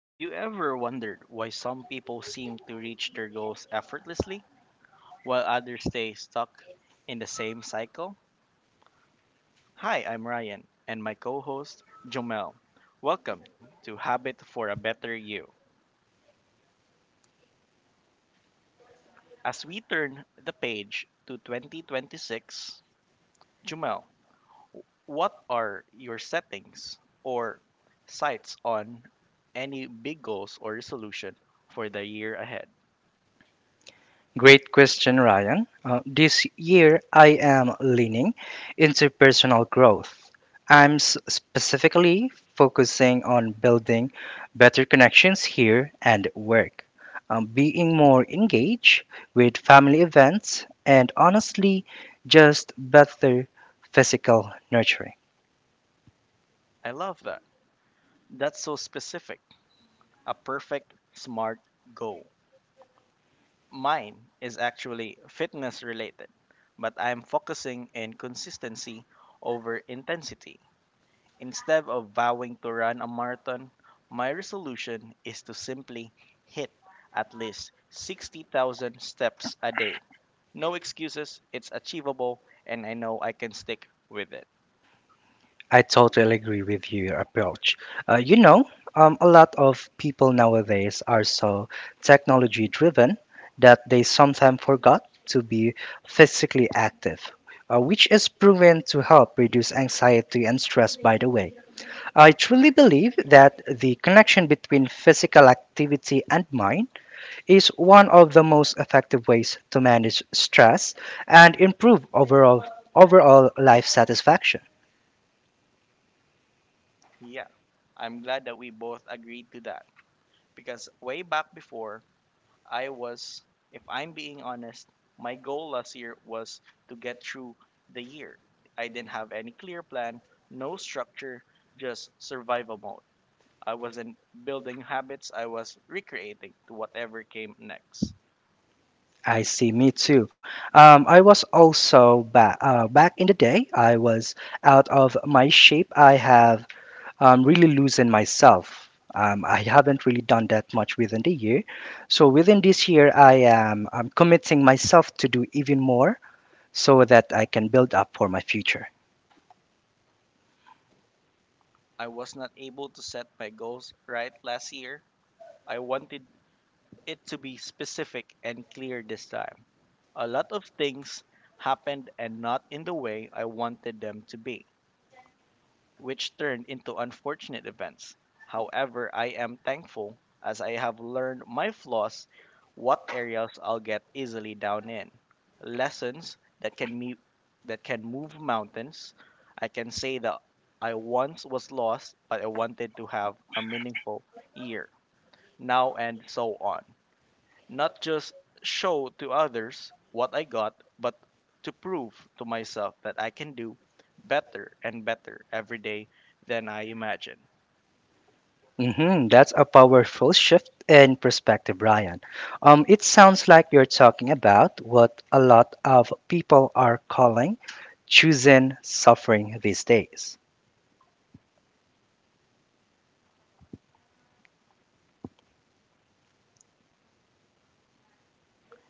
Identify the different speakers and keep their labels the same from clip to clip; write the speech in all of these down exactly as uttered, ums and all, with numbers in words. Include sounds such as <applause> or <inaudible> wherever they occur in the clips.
Speaker 1: Have you ever wondered why some people seem to reach their goals effortlessly while others stay stuck in the same cycle? Hi, I'm Ryan and my co host Jomel. Welcome to Habit for a Better You. As we turn the page to twenty twenty-six, Jomel, what are your settings or sights on any big goals or resolution for the year ahead?
Speaker 2: Great question, Ryan. Uh, this year, I am leaning into personal growth. I'm s- specifically focusing on building better connections here and at work, um, being more engaged with family events, and honestly, just better physical nurturing.
Speaker 1: I love that. That's so specific. A perfect smart goal. Mine is actually fitness related, but I'm focusing in consistency over intensity. Instead of vowing to run a marathon, my resolution is to simply hit at least sixty thousand steps a day. No excuses, it's achievable, and I know I can stick with it.
Speaker 2: I totally agree with your approach. Uh, you know, um, a lot of people nowadays are so technology driven that they sometimes forgot to be physically active, uh, which is proven to help reduce anxiety and stress, by the way. I truly believe that the connection between physical activity and mind is one of the most effective ways to manage stress and improve overall overall life satisfaction.
Speaker 1: Yeah, I'm glad that we both agreed to that because way back before, I was, if I'm being honest, my goal last year was to get through the year. I didn't have any clear plan, no structure, just survival mode. I wasn't building habits, I was recreating to whatever came next.
Speaker 2: I see, me too. Um, I was also back uh, Back in the day, I was out of my shape. I have um, really loosened myself. Um, I haven't really done that much within the year. So within this year, I am um, committing myself to do even more so that I can build up for my future.
Speaker 1: I was not able to set my goals right last year. I wanted it to be specific and clear this time. A lot of things happened and not in the way I wanted them to be, which turned into unfortunate events. However, I am thankful as I have learned my flaws, what areas I'll get easily down in. Lessons that can me that can move mountains. I can say that I once was lost, but I wanted to have a meaningful year. Now and so on. Not just show to others what I got, but to prove to myself that I can do better and better every day than I imagine.
Speaker 2: Hmm that's a powerful shift in perspective, Brian. Um, it sounds like you're talking about what a lot of people are calling choosing suffering these days.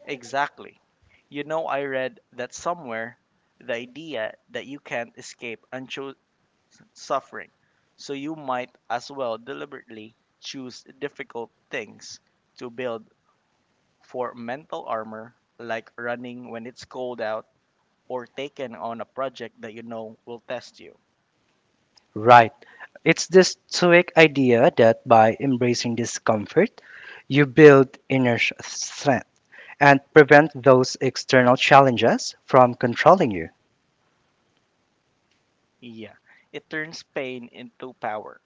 Speaker 1: Exactly. You know, I read that somewhere the idea that you can't escape unchosen suffering, so you might as well deliberately choose difficult things to build for mental armor, like running when it's cold out or taking on a project that you know will test you.
Speaker 2: Right. It's this stoic idea that by embracing discomfort, you build inner sh- strength and prevent those external challenges from controlling you.
Speaker 1: Yeah, it turns pain into power.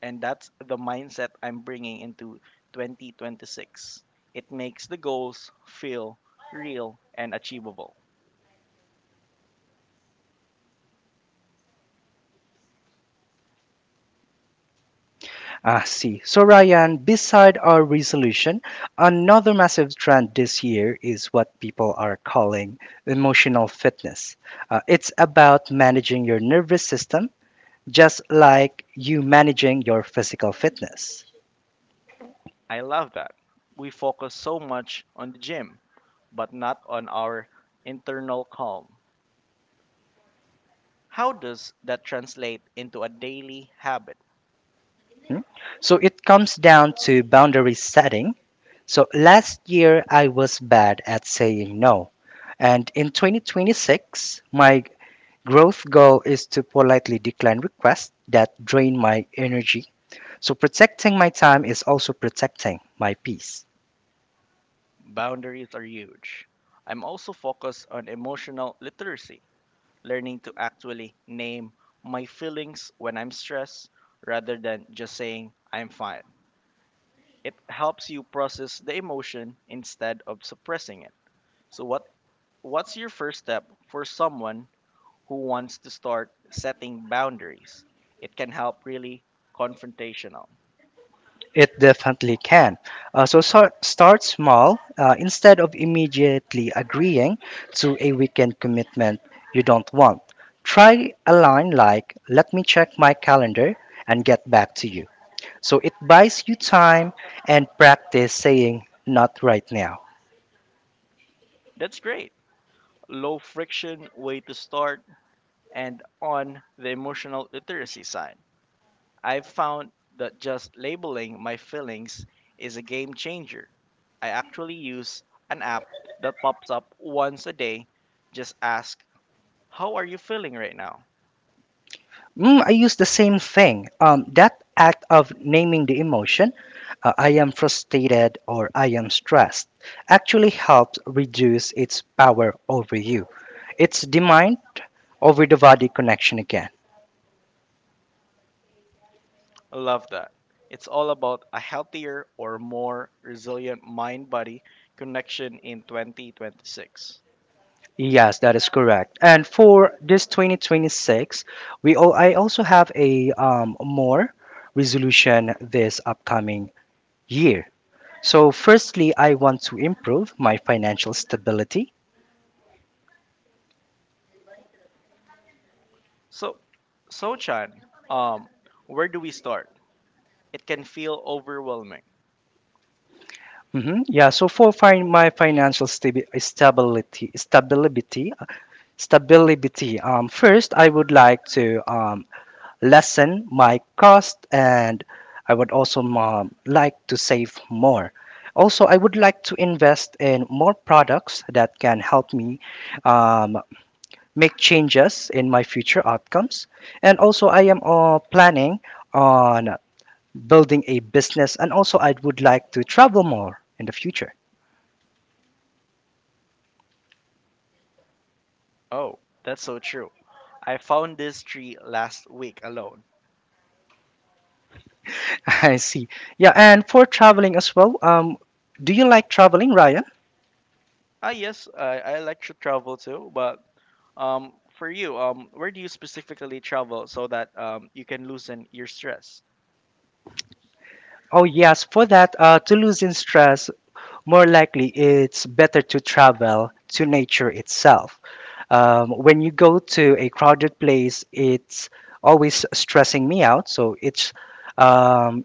Speaker 1: And that's the mindset I'm bringing into twenty twenty-six. It makes the goals feel real and achievable.
Speaker 2: I see. So, Ryan, beside our resolution, another massive trend this year is what people are calling emotional fitness. Uh, it's about managing your nervous system just like you managing your physical fitness.
Speaker 1: I love that. We focus so much on the gym, but not on our internal calm. How does that translate into a daily habit?
Speaker 2: Hmm? So, it comes down to boundary setting. So, last year I was bad at saying no. And in twenty twenty-six, my growth goal is to politely decline requests that drain my energy. So protecting my time is also protecting my peace.
Speaker 1: Boundaries are huge. I'm also focused on emotional literacy learning to actually name my feelings when I'm stressed rather than just saying I'm fine. It helps you process the emotion instead of suppressing it. So what what's your first step for someone who wants to start setting boundaries? It can help really confrontational.
Speaker 2: It definitely can. Uh, so, so start small. Uh, instead of immediately agreeing to a weekend commitment you don't want, try a line like, "Let me check my calendar and get back to you." So it buys you time and practice saying, "Not right now."
Speaker 1: That's great. Low friction way to start and on the emotional literacy side. I've found that just labeling my feelings is a game changer. I actually use an app that pops up once a day. Just ask, how are you feeling right now?
Speaker 2: Mm, I use the same thing. Um, that act of naming the emotion, uh, I am frustrated or I am stressed, actually helps reduce its power over you. It's the mind over the body connection again.
Speaker 1: I love that. It's all about a healthier or more resilient mind body connection in twenty twenty-six.
Speaker 2: Yes, that is correct. And for this twenty twenty-six, we all, I also have a um, more resolution this upcoming year. So, firstly, I want to improve my financial stability.
Speaker 1: So, So Chan, um, where do we start? It can feel overwhelming.
Speaker 2: hmm Yeah. So for fin- my financial stabi- stability, stability, uh, stability. Um, first, I would like to um, lessen my cost, and I would also um, like to save more. Also, I would like to invest in more products that can help me um, make changes in my future outcomes. And also, I am uh, planning on building a business, and also I would like to travel more in the future.
Speaker 1: Oh, that's so true. I found this tree last week alone.
Speaker 2: <laughs> I see. Yeah, and for traveling as well, um, do you like traveling, Ryan?
Speaker 1: Ah, yes, I, I like to travel too, but um, for you, um, where do you specifically travel so that um, you can loosen your stress?
Speaker 2: Oh, yes, for that, uh, to loosen stress, more likely it's better to travel to nature itself. Um, when you go to a crowded place, it's always stressing me out. So it's um,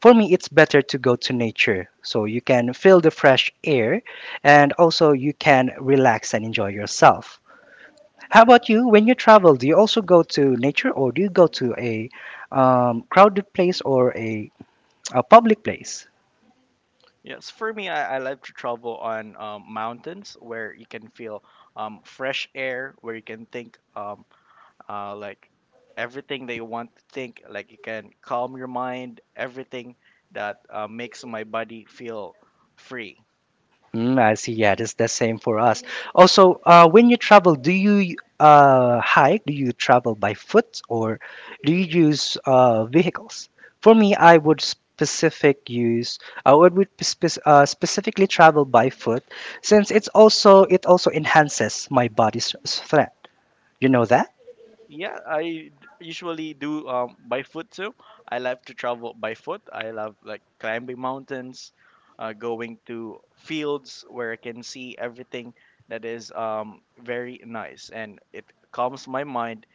Speaker 2: for me, it's better to go to nature. So you can feel the fresh air and also you can relax and enjoy yourself. How about you? When you travel, do you also go to nature or do you go to a um, crowded place or a, a public place?
Speaker 1: Yes, for me, I, I like to travel on um, mountains where you can feel um, fresh air, where you can think um, uh, like everything that you want to think, like you can calm your mind, everything that uh, makes my body feel free.
Speaker 2: Mm, I see. Yeah, that's the same for us. Also, uh, when you travel, do you uh, hike? Do you travel by foot or do you use uh, vehicles? For me, I would specific use. Uh, I would would spec- uh, specifically travel by foot since it's also it also enhances my body's strength. You know that?
Speaker 1: Yeah, I d- usually do um, by foot too. I love to travel by foot. I love like climbing mountains, uh, going to fields where I can see everything that is um, very nice and it calms my mind.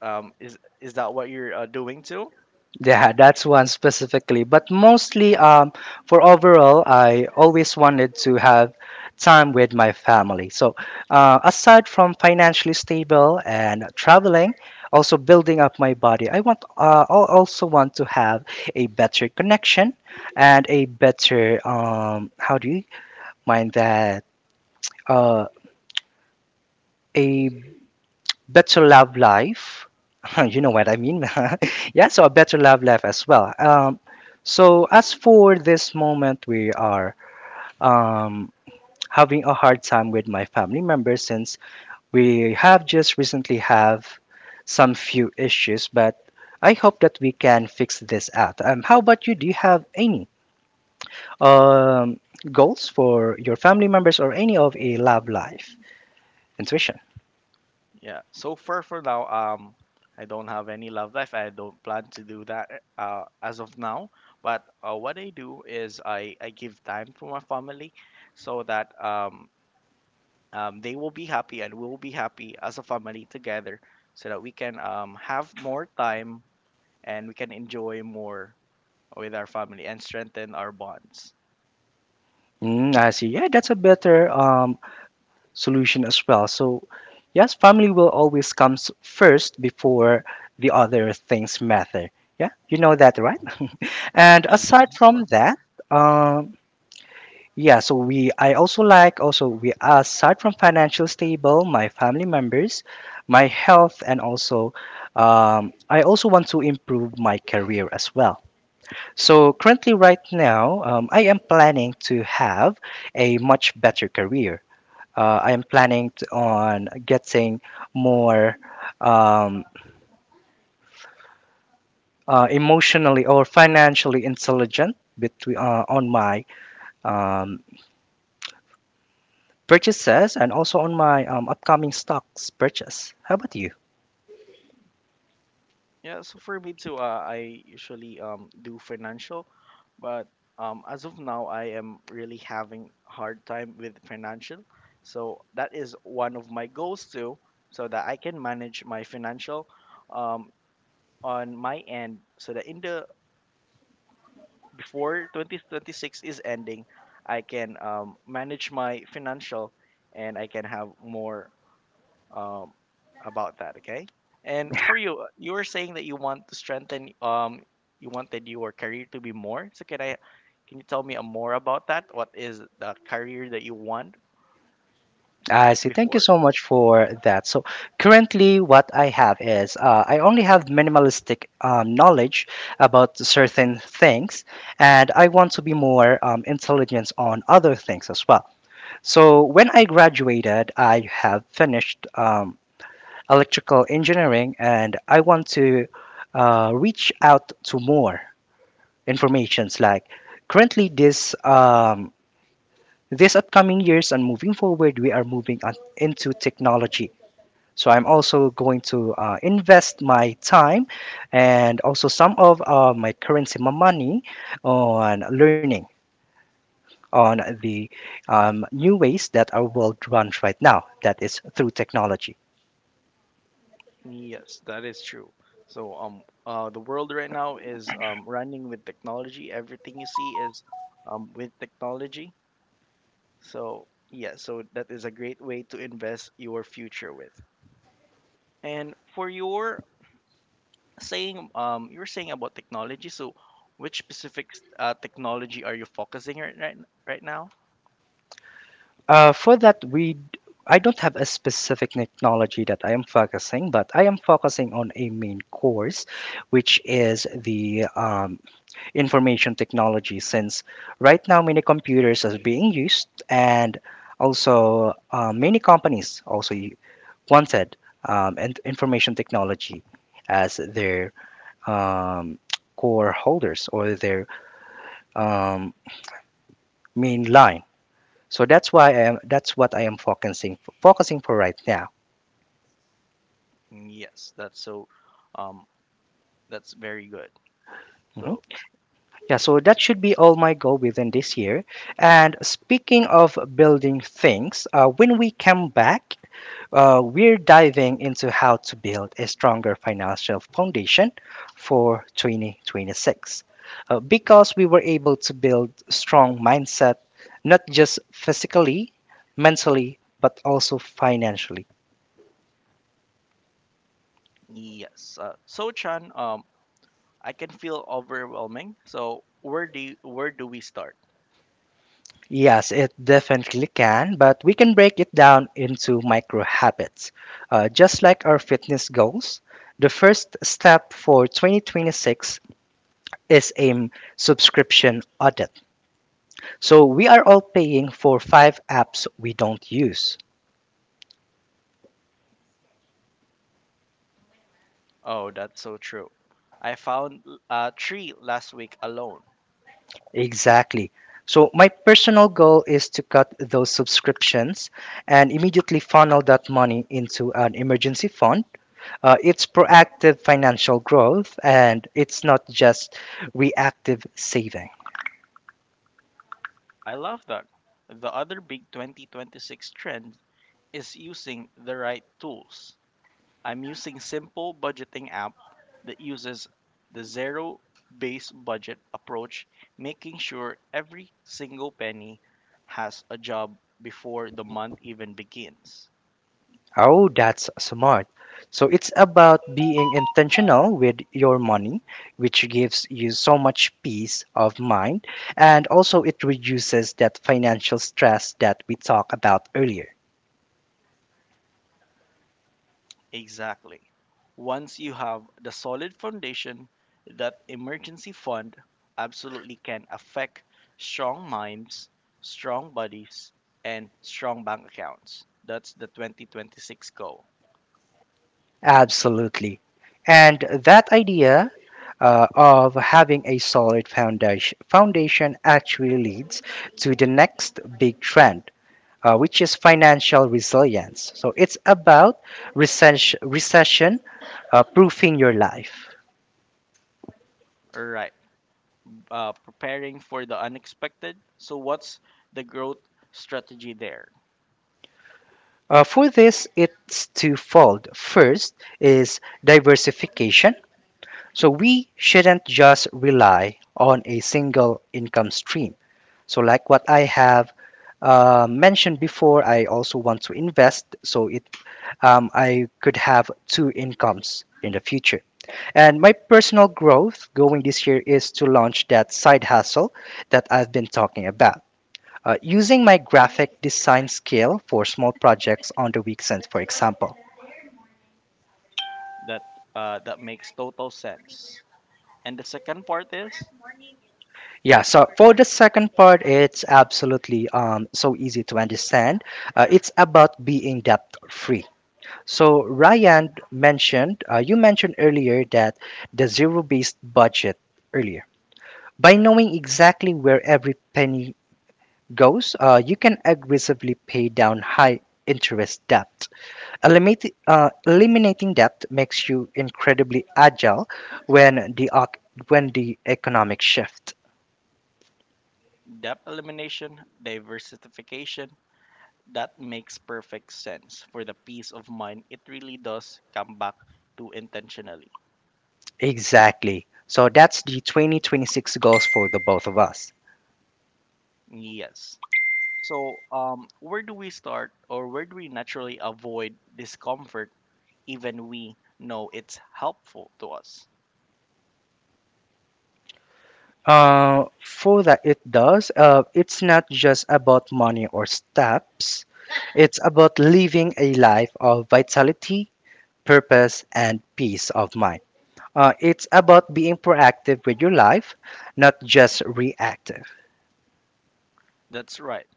Speaker 1: Um, is is that what you're uh, doing too?
Speaker 2: Yeah, that's one specifically. But mostly, um, for overall, I always wanted to have time with my family. So, uh, aside from financially stable and traveling, also building up my body, I want uh, I also want to have a better connection and a better um, how do you mind that uh, a better love life. <laughs> You know what I mean. <laughs> Yeah, so a better love life as well. Um, so as for this moment, we are um, having a hard time with my family members since we have just recently have some few issues, but I hope that we can fix this out. Um, how about you? Do you have any um, goals for your family members or any of a love life? Intuition.
Speaker 1: Yeah. So far for now, um, I don't have any love life. I don't plan to do that uh, as of now. But uh, what I do is I, I give time to my family so that um, um, they will be happy and we will be happy as a family together so that we can um, have more time and we can enjoy more with our family and strengthen our bonds.
Speaker 2: Mm, I see. Yeah, that's a better um, solution as well. So, yes, family will always comes first before the other things matter. Yeah, you know that, right? And
Speaker 1: Yeah,
Speaker 2: aside from that, um, yeah, so we I also like also we aside from financial stable, my family members, my health, and also um, I also want to improve my career as well. So currently, right now, um, I am planning to have a much better career. Uh, I am planning to, on getting more um, uh, emotionally or financially intelligent between uh, on my um, purchases and also on my um, upcoming stocks purchase. How about you?
Speaker 1: yeah so for me too, uh, I usually um, do financial, but um, as of now I am really having hard time with financial, so that is one of my goals too, so that I can manage my financial um, on my end so that in the before twenty twenty-six is ending, I can um, manage my financial and I can have more um, about that. Okay. And for you, you were saying that you want to strengthen, um, you wanted your career to be more. So can I, can you tell me a more about that? What is the career that you want
Speaker 2: I see. Thank you
Speaker 1: before?
Speaker 2: so much for that. So currently, what I have is uh, I only have minimalistic um, knowledge about certain things, and I want to be more um, intelligent on other things as well. So when I graduated, I have finished um, electrical engineering, and I want to uh, reach out to more informations. Like currently, this um, this upcoming years and moving forward, we are moving on into technology. So I'm also going to uh, invest my time and also some of uh, my currency, my money, on learning on the um, new ways that our world runs right now, that is through technology.
Speaker 1: Yes, that is true. So um, uh, the world right now is um, running with technology. Everything you see is um, with technology. So, yeah, so that is a great way to invest your future with. And for your saying, um, you were saying about technology. So, which specific uh, technology are you focusing right, right right now?
Speaker 2: Uh, for that, we I don't have a specific technology that I am focusing, but I am focusing on a main course, which is the um, information technology. Since right now many computers are being used, and also uh, many companies also wanted um, and information technology as their um, core holders or their um, main line. So that's why I am, that's what I am focusing focusing for right now.
Speaker 1: Mm, yes, that's so. Um, that's very good.
Speaker 2: Mhm.
Speaker 1: So,
Speaker 2: Yeah, so that should be all my goal within this year. And speaking of building things, uh, when we come back, Uh, we're diving into how to build a stronger financial foundation for twenty twenty-six. Uh, because we were able to build strong mindset, not just physically, mentally, but also financially.
Speaker 1: yes. Uh, so Chan, um, I can feel overwhelming. So, where do you, where do we start?
Speaker 2: Yes, it definitely can, but we can break it down into micro habits. Uh, just like our fitness goals, the first step for twenty twenty-six is a subscription audit. So we are all paying for five apps we don't use.
Speaker 1: Oh, that's so true. I found uh, three last week alone.
Speaker 2: Exactly. So my personal goal is to cut those subscriptions and immediately funnel that money into an emergency fund. Uh, it's proactive financial growth and it's not just reactive saving.
Speaker 1: I love that. The other big twenty twenty-six trend is using the right tools. I'm using simple budgeting app that uses the zero based budget approach, making sure every single penny has a job before the month even begins.
Speaker 2: Oh, that's smart. So it's about being intentional with your money, which gives you so much peace of mind, and also it reduces that financial stress that we talked about earlier.
Speaker 1: Exactly. Once you have the solid foundation, that emergency fund absolutely can affect strong minds, strong bodies, and strong bank accounts. That's the twenty twenty-six goal.
Speaker 2: Absolutely. And that idea uh, of having a solid foundation, foundation actually leads to the next big trend, uh, which is financial resilience. So it's about recession, recession uh, proofing your life.
Speaker 1: All right. Uh, preparing for the unexpected. So, what's the growth strategy there?
Speaker 2: Uh, for this, it's twofold. First is diversification. So we shouldn't just rely on a single income stream. So, like what I have uh, mentioned before, I also want to invest so it um, I could have two incomes in the future. And my personal growth going this year is to launch that side hustle that I've been talking about. Uh, using my graphic design skill for small projects on the weekends, for example.
Speaker 1: That uh, that makes total sense. And the second part is
Speaker 2: Yeah, so for the second part, it's absolutely um, so easy to understand. Uh, it's about being debt free. So, Ryan mentioned, uh, you mentioned earlier that the zero based budget earlier. By knowing exactly where every penny goes, uh, you can aggressively pay down high interest debt. Eliminati- uh, eliminating debt makes you incredibly agile when the oc- when the economic shift.
Speaker 1: debt elimination, diversification. That makes perfect sense for the peace of mind. It really does come back to intentionally.
Speaker 2: Exactly. So that's the twenty twenty-six goals for the both of us.
Speaker 1: Yes. So, um, where do we start or where do we naturally avoid discomfort even we know it's helpful to us?
Speaker 2: Uh, for that, it does. Uh, it's not just about money or steps. It's about living a life of vitality, purpose, and peace of mind. Uh, it's about being proactive with your life, not just reactive.
Speaker 1: That's right.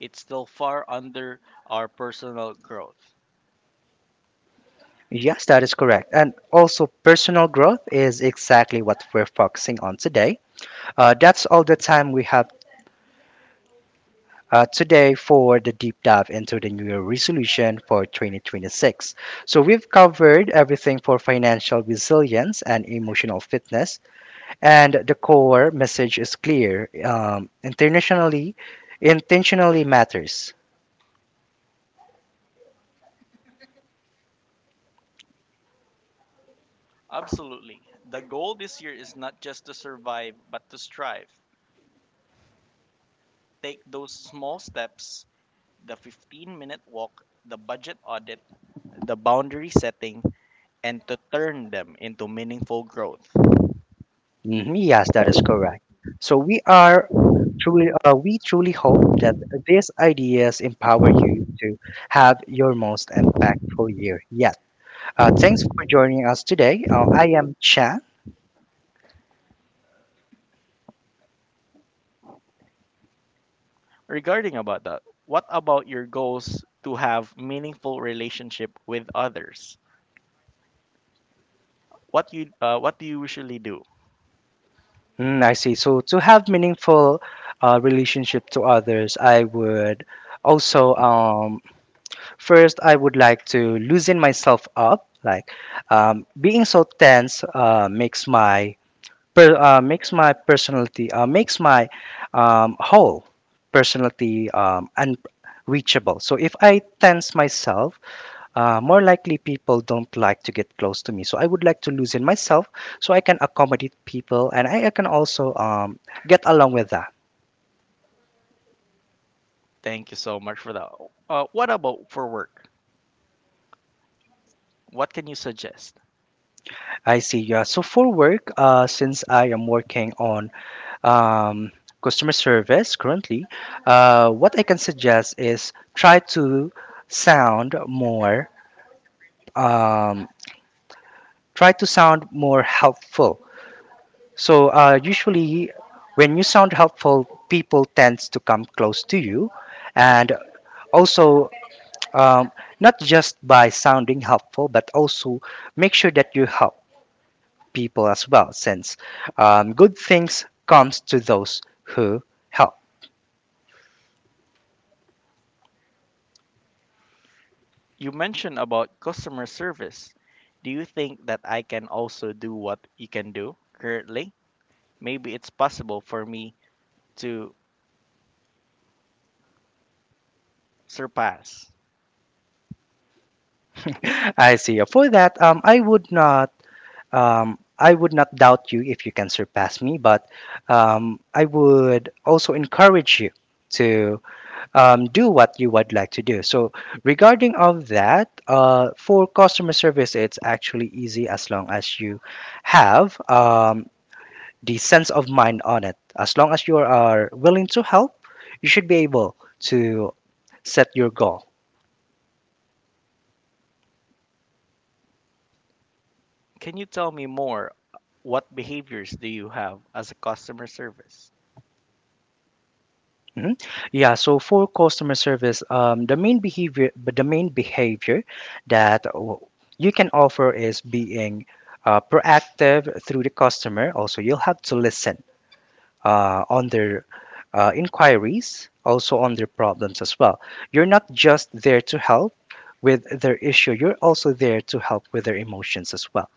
Speaker 1: It's still far under our personal growth.
Speaker 2: Yes, that is correct. And also, personal growth is exactly what we're focusing on today. Uh, that's all the time we have uh, today for the deep dive into the New Year resolution for twenty twenty-six. So, we've covered everything for financial resilience and emotional fitness, and the core message is clear. Um, internationally, intentionally matters.
Speaker 1: Absolutely. The goal this year is not just to survive, but to strive. Take those small steps, the fifteen minute walk, the budget audit, the boundary setting, and to turn them into meaningful growth.
Speaker 2: Mhm. Yes, that is correct. So we are truly, uh, we truly hope that these ideas empower you to have your most impactful year yet. Uh, thanks for joining us today. Uh, I am Chan.
Speaker 1: Regarding about that, what about your goals to have meaningful relationship with others? What you uh, what do you usually do?
Speaker 2: Mm, I see. So to have meaningful uh, relationship to others, I would also um, first I would like to loosen myself up. Like um, being so tense uh, makes my per, uh, makes my personality uh, makes my um, whole personality um, unreachable. So if I tense myself, uh, more likely people don't like to get close to me. So I would like to loosen myself so I can accommodate people and I, I can also um, get along with that.
Speaker 1: Thank you so much for that. Uh, what about for work? What can you suggest?
Speaker 2: I see. Yeah. So for work, uh, since I am working on um, customer service currently, uh, what I can suggest is try to sound more um, try to sound more helpful. So uh, usually, when you sound helpful, people tends to come close to you, and also um, not just by sounding helpful, but also make sure that you help people as well, since um, good things comes to those who help.
Speaker 1: You mentioned about customer service. Do you think that I can also do what you can do currently? Maybe it's possible for me to surpass.
Speaker 2: <laughs> I see. For that, um, I would not. Um, I would not doubt you if you can surpass me, but um, I would also encourage you to um, do what you would like to do. So regarding of that, uh, for customer service, it's actually easy as long as you have um, the sense of mind on it. As long as you are willing to help, you should be able to set your goal.
Speaker 1: Can you tell me more? What behaviors do you have as a customer service?
Speaker 2: Mhm. Yeah, so for customer service, um, the main behavior, but the main behavior that w- you can offer is being uh, proactive through the customer. Also, you'll have to listen uh, on their uh, inquiries, also on their problems as well. You're not just there to help with their issue, you're also there to help with their emotions as well.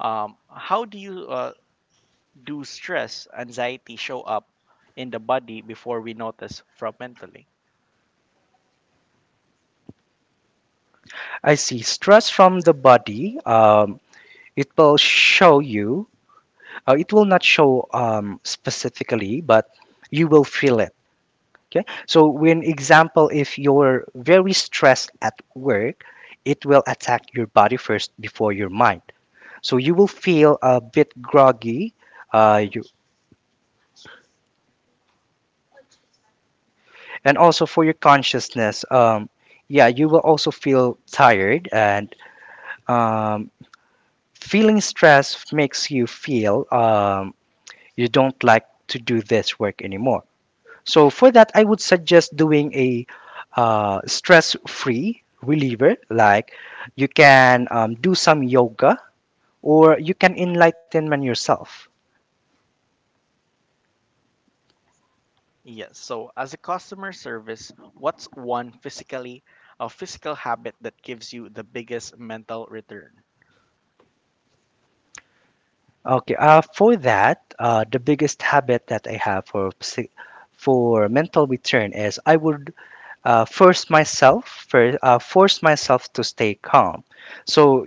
Speaker 1: Um, how do you uh, do stress, anxiety show up in the body before we notice from mentally?
Speaker 2: I see stress from the body. Um, it will show you, uh, it will not show um, specifically, but you will feel it. Okay. So, when example, if you're very stressed at work, it will attack your body first before your mind. So you will feel a bit groggy. Uh, you, and also for your consciousness, um, yeah, you will also feel tired. And um, feeling stress makes you feel um, you don't like to do this work anymore. So for that, I would suggest doing a uh, stress-free reliever. Like you can um, do some yoga or you can enlightenment yourself.
Speaker 1: Yes. So, as a customer service, what's one physically a physical habit that gives you the biggest mental return?
Speaker 2: Okay. Uh, for that, uh, the biggest habit that I have for psy- for mental return is I would uh, force myself for, uh, force myself to stay calm. So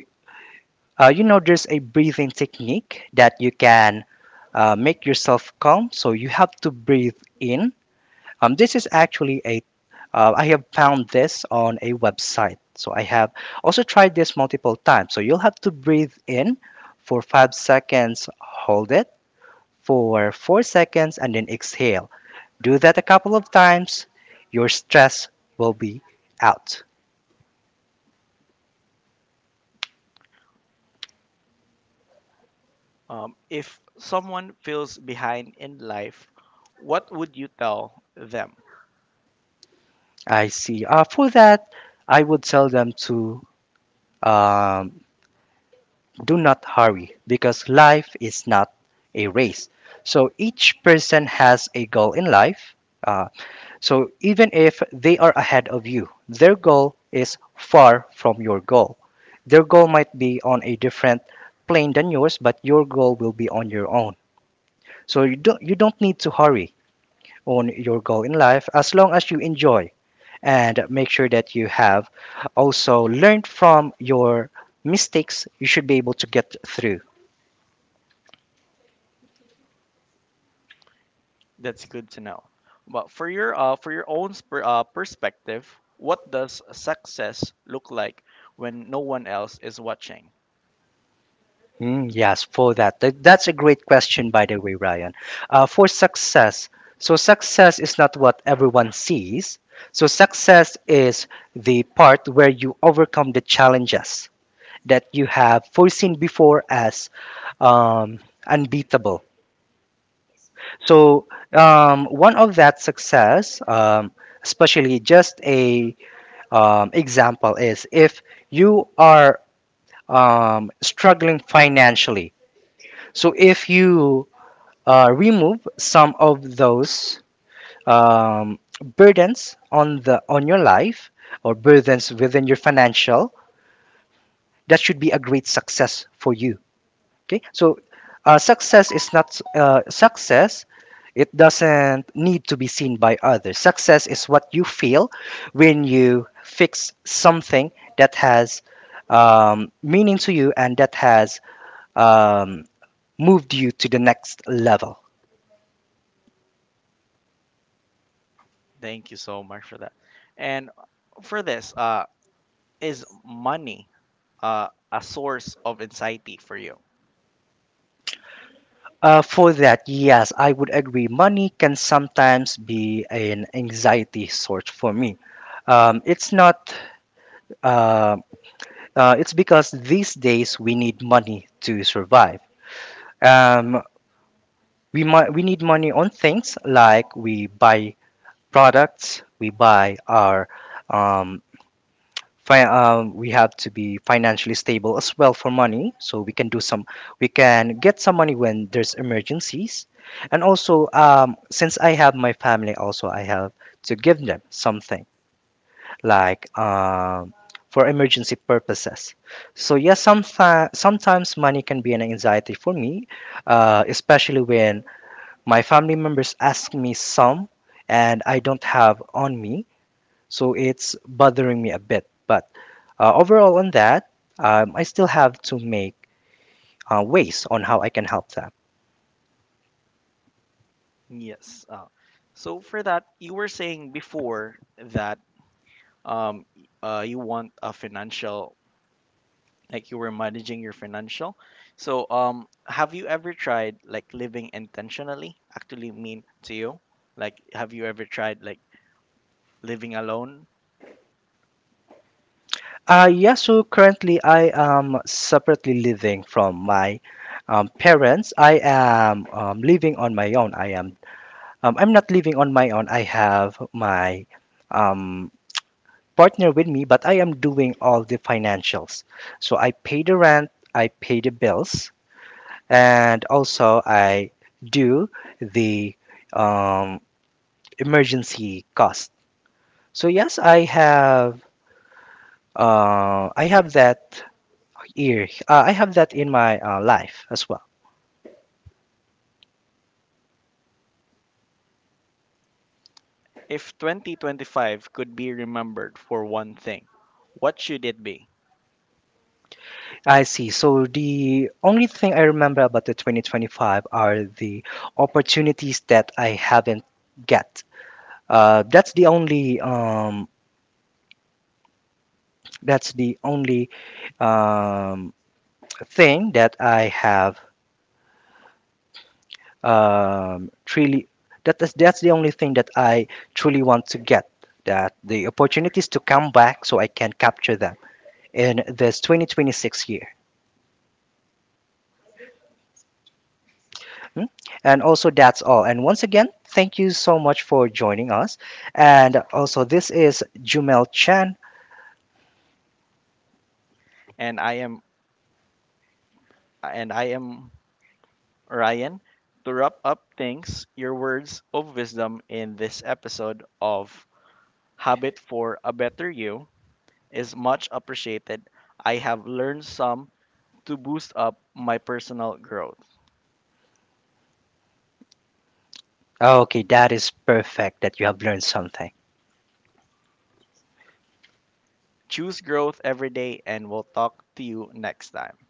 Speaker 2: uh, you know, there's a breathing technique that you can uh, make yourself calm. So you have to breathe in. Um, this is actually a uh, I have found this on a website. So I have also tried this multiple times. So you'll have to breathe in for five seconds, hold it for four seconds and then exhale. Do that a couple of times. Your stress will be out.
Speaker 1: Um, if someone feels behind in life, what would you tell them?
Speaker 2: I see. Uh, for that, I would tell them to um, do not hurry because life is not a race. So each person has a goal in life. Uh, so even if they are ahead of you, their goal is far from your goal. Their goal might be on a different plane than yours, but your goal will be on your own. So you don't you don't need to hurry on your goal in life as long as you enjoy and make sure that you have also learned from your mistakes you should be able to get through.
Speaker 1: That's good to know. But for your uh, for your own sper- uh, perspective, what does success look like when no one else is watching?
Speaker 2: Mm, yes, for that. Th- That's a great question by the way, Ryan. Uh, for success, so success is not what everyone sees. So success is the part where you overcome the challenges that you have foreseen before as um, unbeatable. So um, one of that success, um, especially just a um, example, is if you are um, struggling financially. So if you uh, remove some of those um, burdens on the on your life or burdens within your financial, that should be a great success for you. Okay, so uh, success is not uh, success. It doesn't need to be seen by others. Success is what you feel when you fix something that has um, meaning to you and that has um, moved you to the next level.
Speaker 1: Thank you so much for that. And for this, uh, is money uh, a source of anxiety for you?
Speaker 2: Uh, for that, yes, I would agree. Money can sometimes be an anxiety source for me. Um, it's not. Uh, uh, it's because these days we need money to survive. Um, we mu- we need money on things like we buy products, we buy our um, fi- um, we have to be financially stable as well for money, so we can do some we can get some money when there's emergencies, and also um, since I have my family, also I have to give them something like um, for emergency purposes. So yes, sometimes sometimes money can be an anxiety for me, uh, especially when my family members ask me some, and I don't have on me, so it's bothering me a bit. But uh, overall, on that, um, I still have to make uh, ways on how I can help them.
Speaker 1: Yes. Uh, so for that, you were saying before that um, y- uh, you want a financial like you were managing your financial. So, um, have you ever tried like living intentionally actually mean to you? Like, have you ever tried like living alone?
Speaker 2: Uh, yeah, so currently I am separately living from my um, parents. I am um, living on my own. I am um, I'm not living on my own. I have my um, partner with me, but I am doing all the financials. So I pay the rent, I pay the bills, and also I do the um, emergency cost. So yes, I have uh, I have that here. Uh, I have that in my uh, life as well.
Speaker 1: If twenty twenty-five could be remembered for one thing, what should it be?
Speaker 2: I see. So the only thing I remember about the twenty twenty-five are the opportunities that I haven't get. Uh, that's the only um, That's the only um, thing that I have um, truly. That is, that's the only thing that I truly want to get. That the opportunities to come back so I can capture them in this twenty twenty-six year. Mm. And also, that's all. And once again, thank you so much for joining us. And also, this is Jumel Chan.
Speaker 1: And I am and I am Ryan. To wrap up things, your words of wisdom in this episode of Habit for a Better You is much appreciated. I have learned some to boost up my personal growth.
Speaker 2: Okay, that is perfect that you have learned something.
Speaker 1: Choose growth every day, and we'll talk to you next time.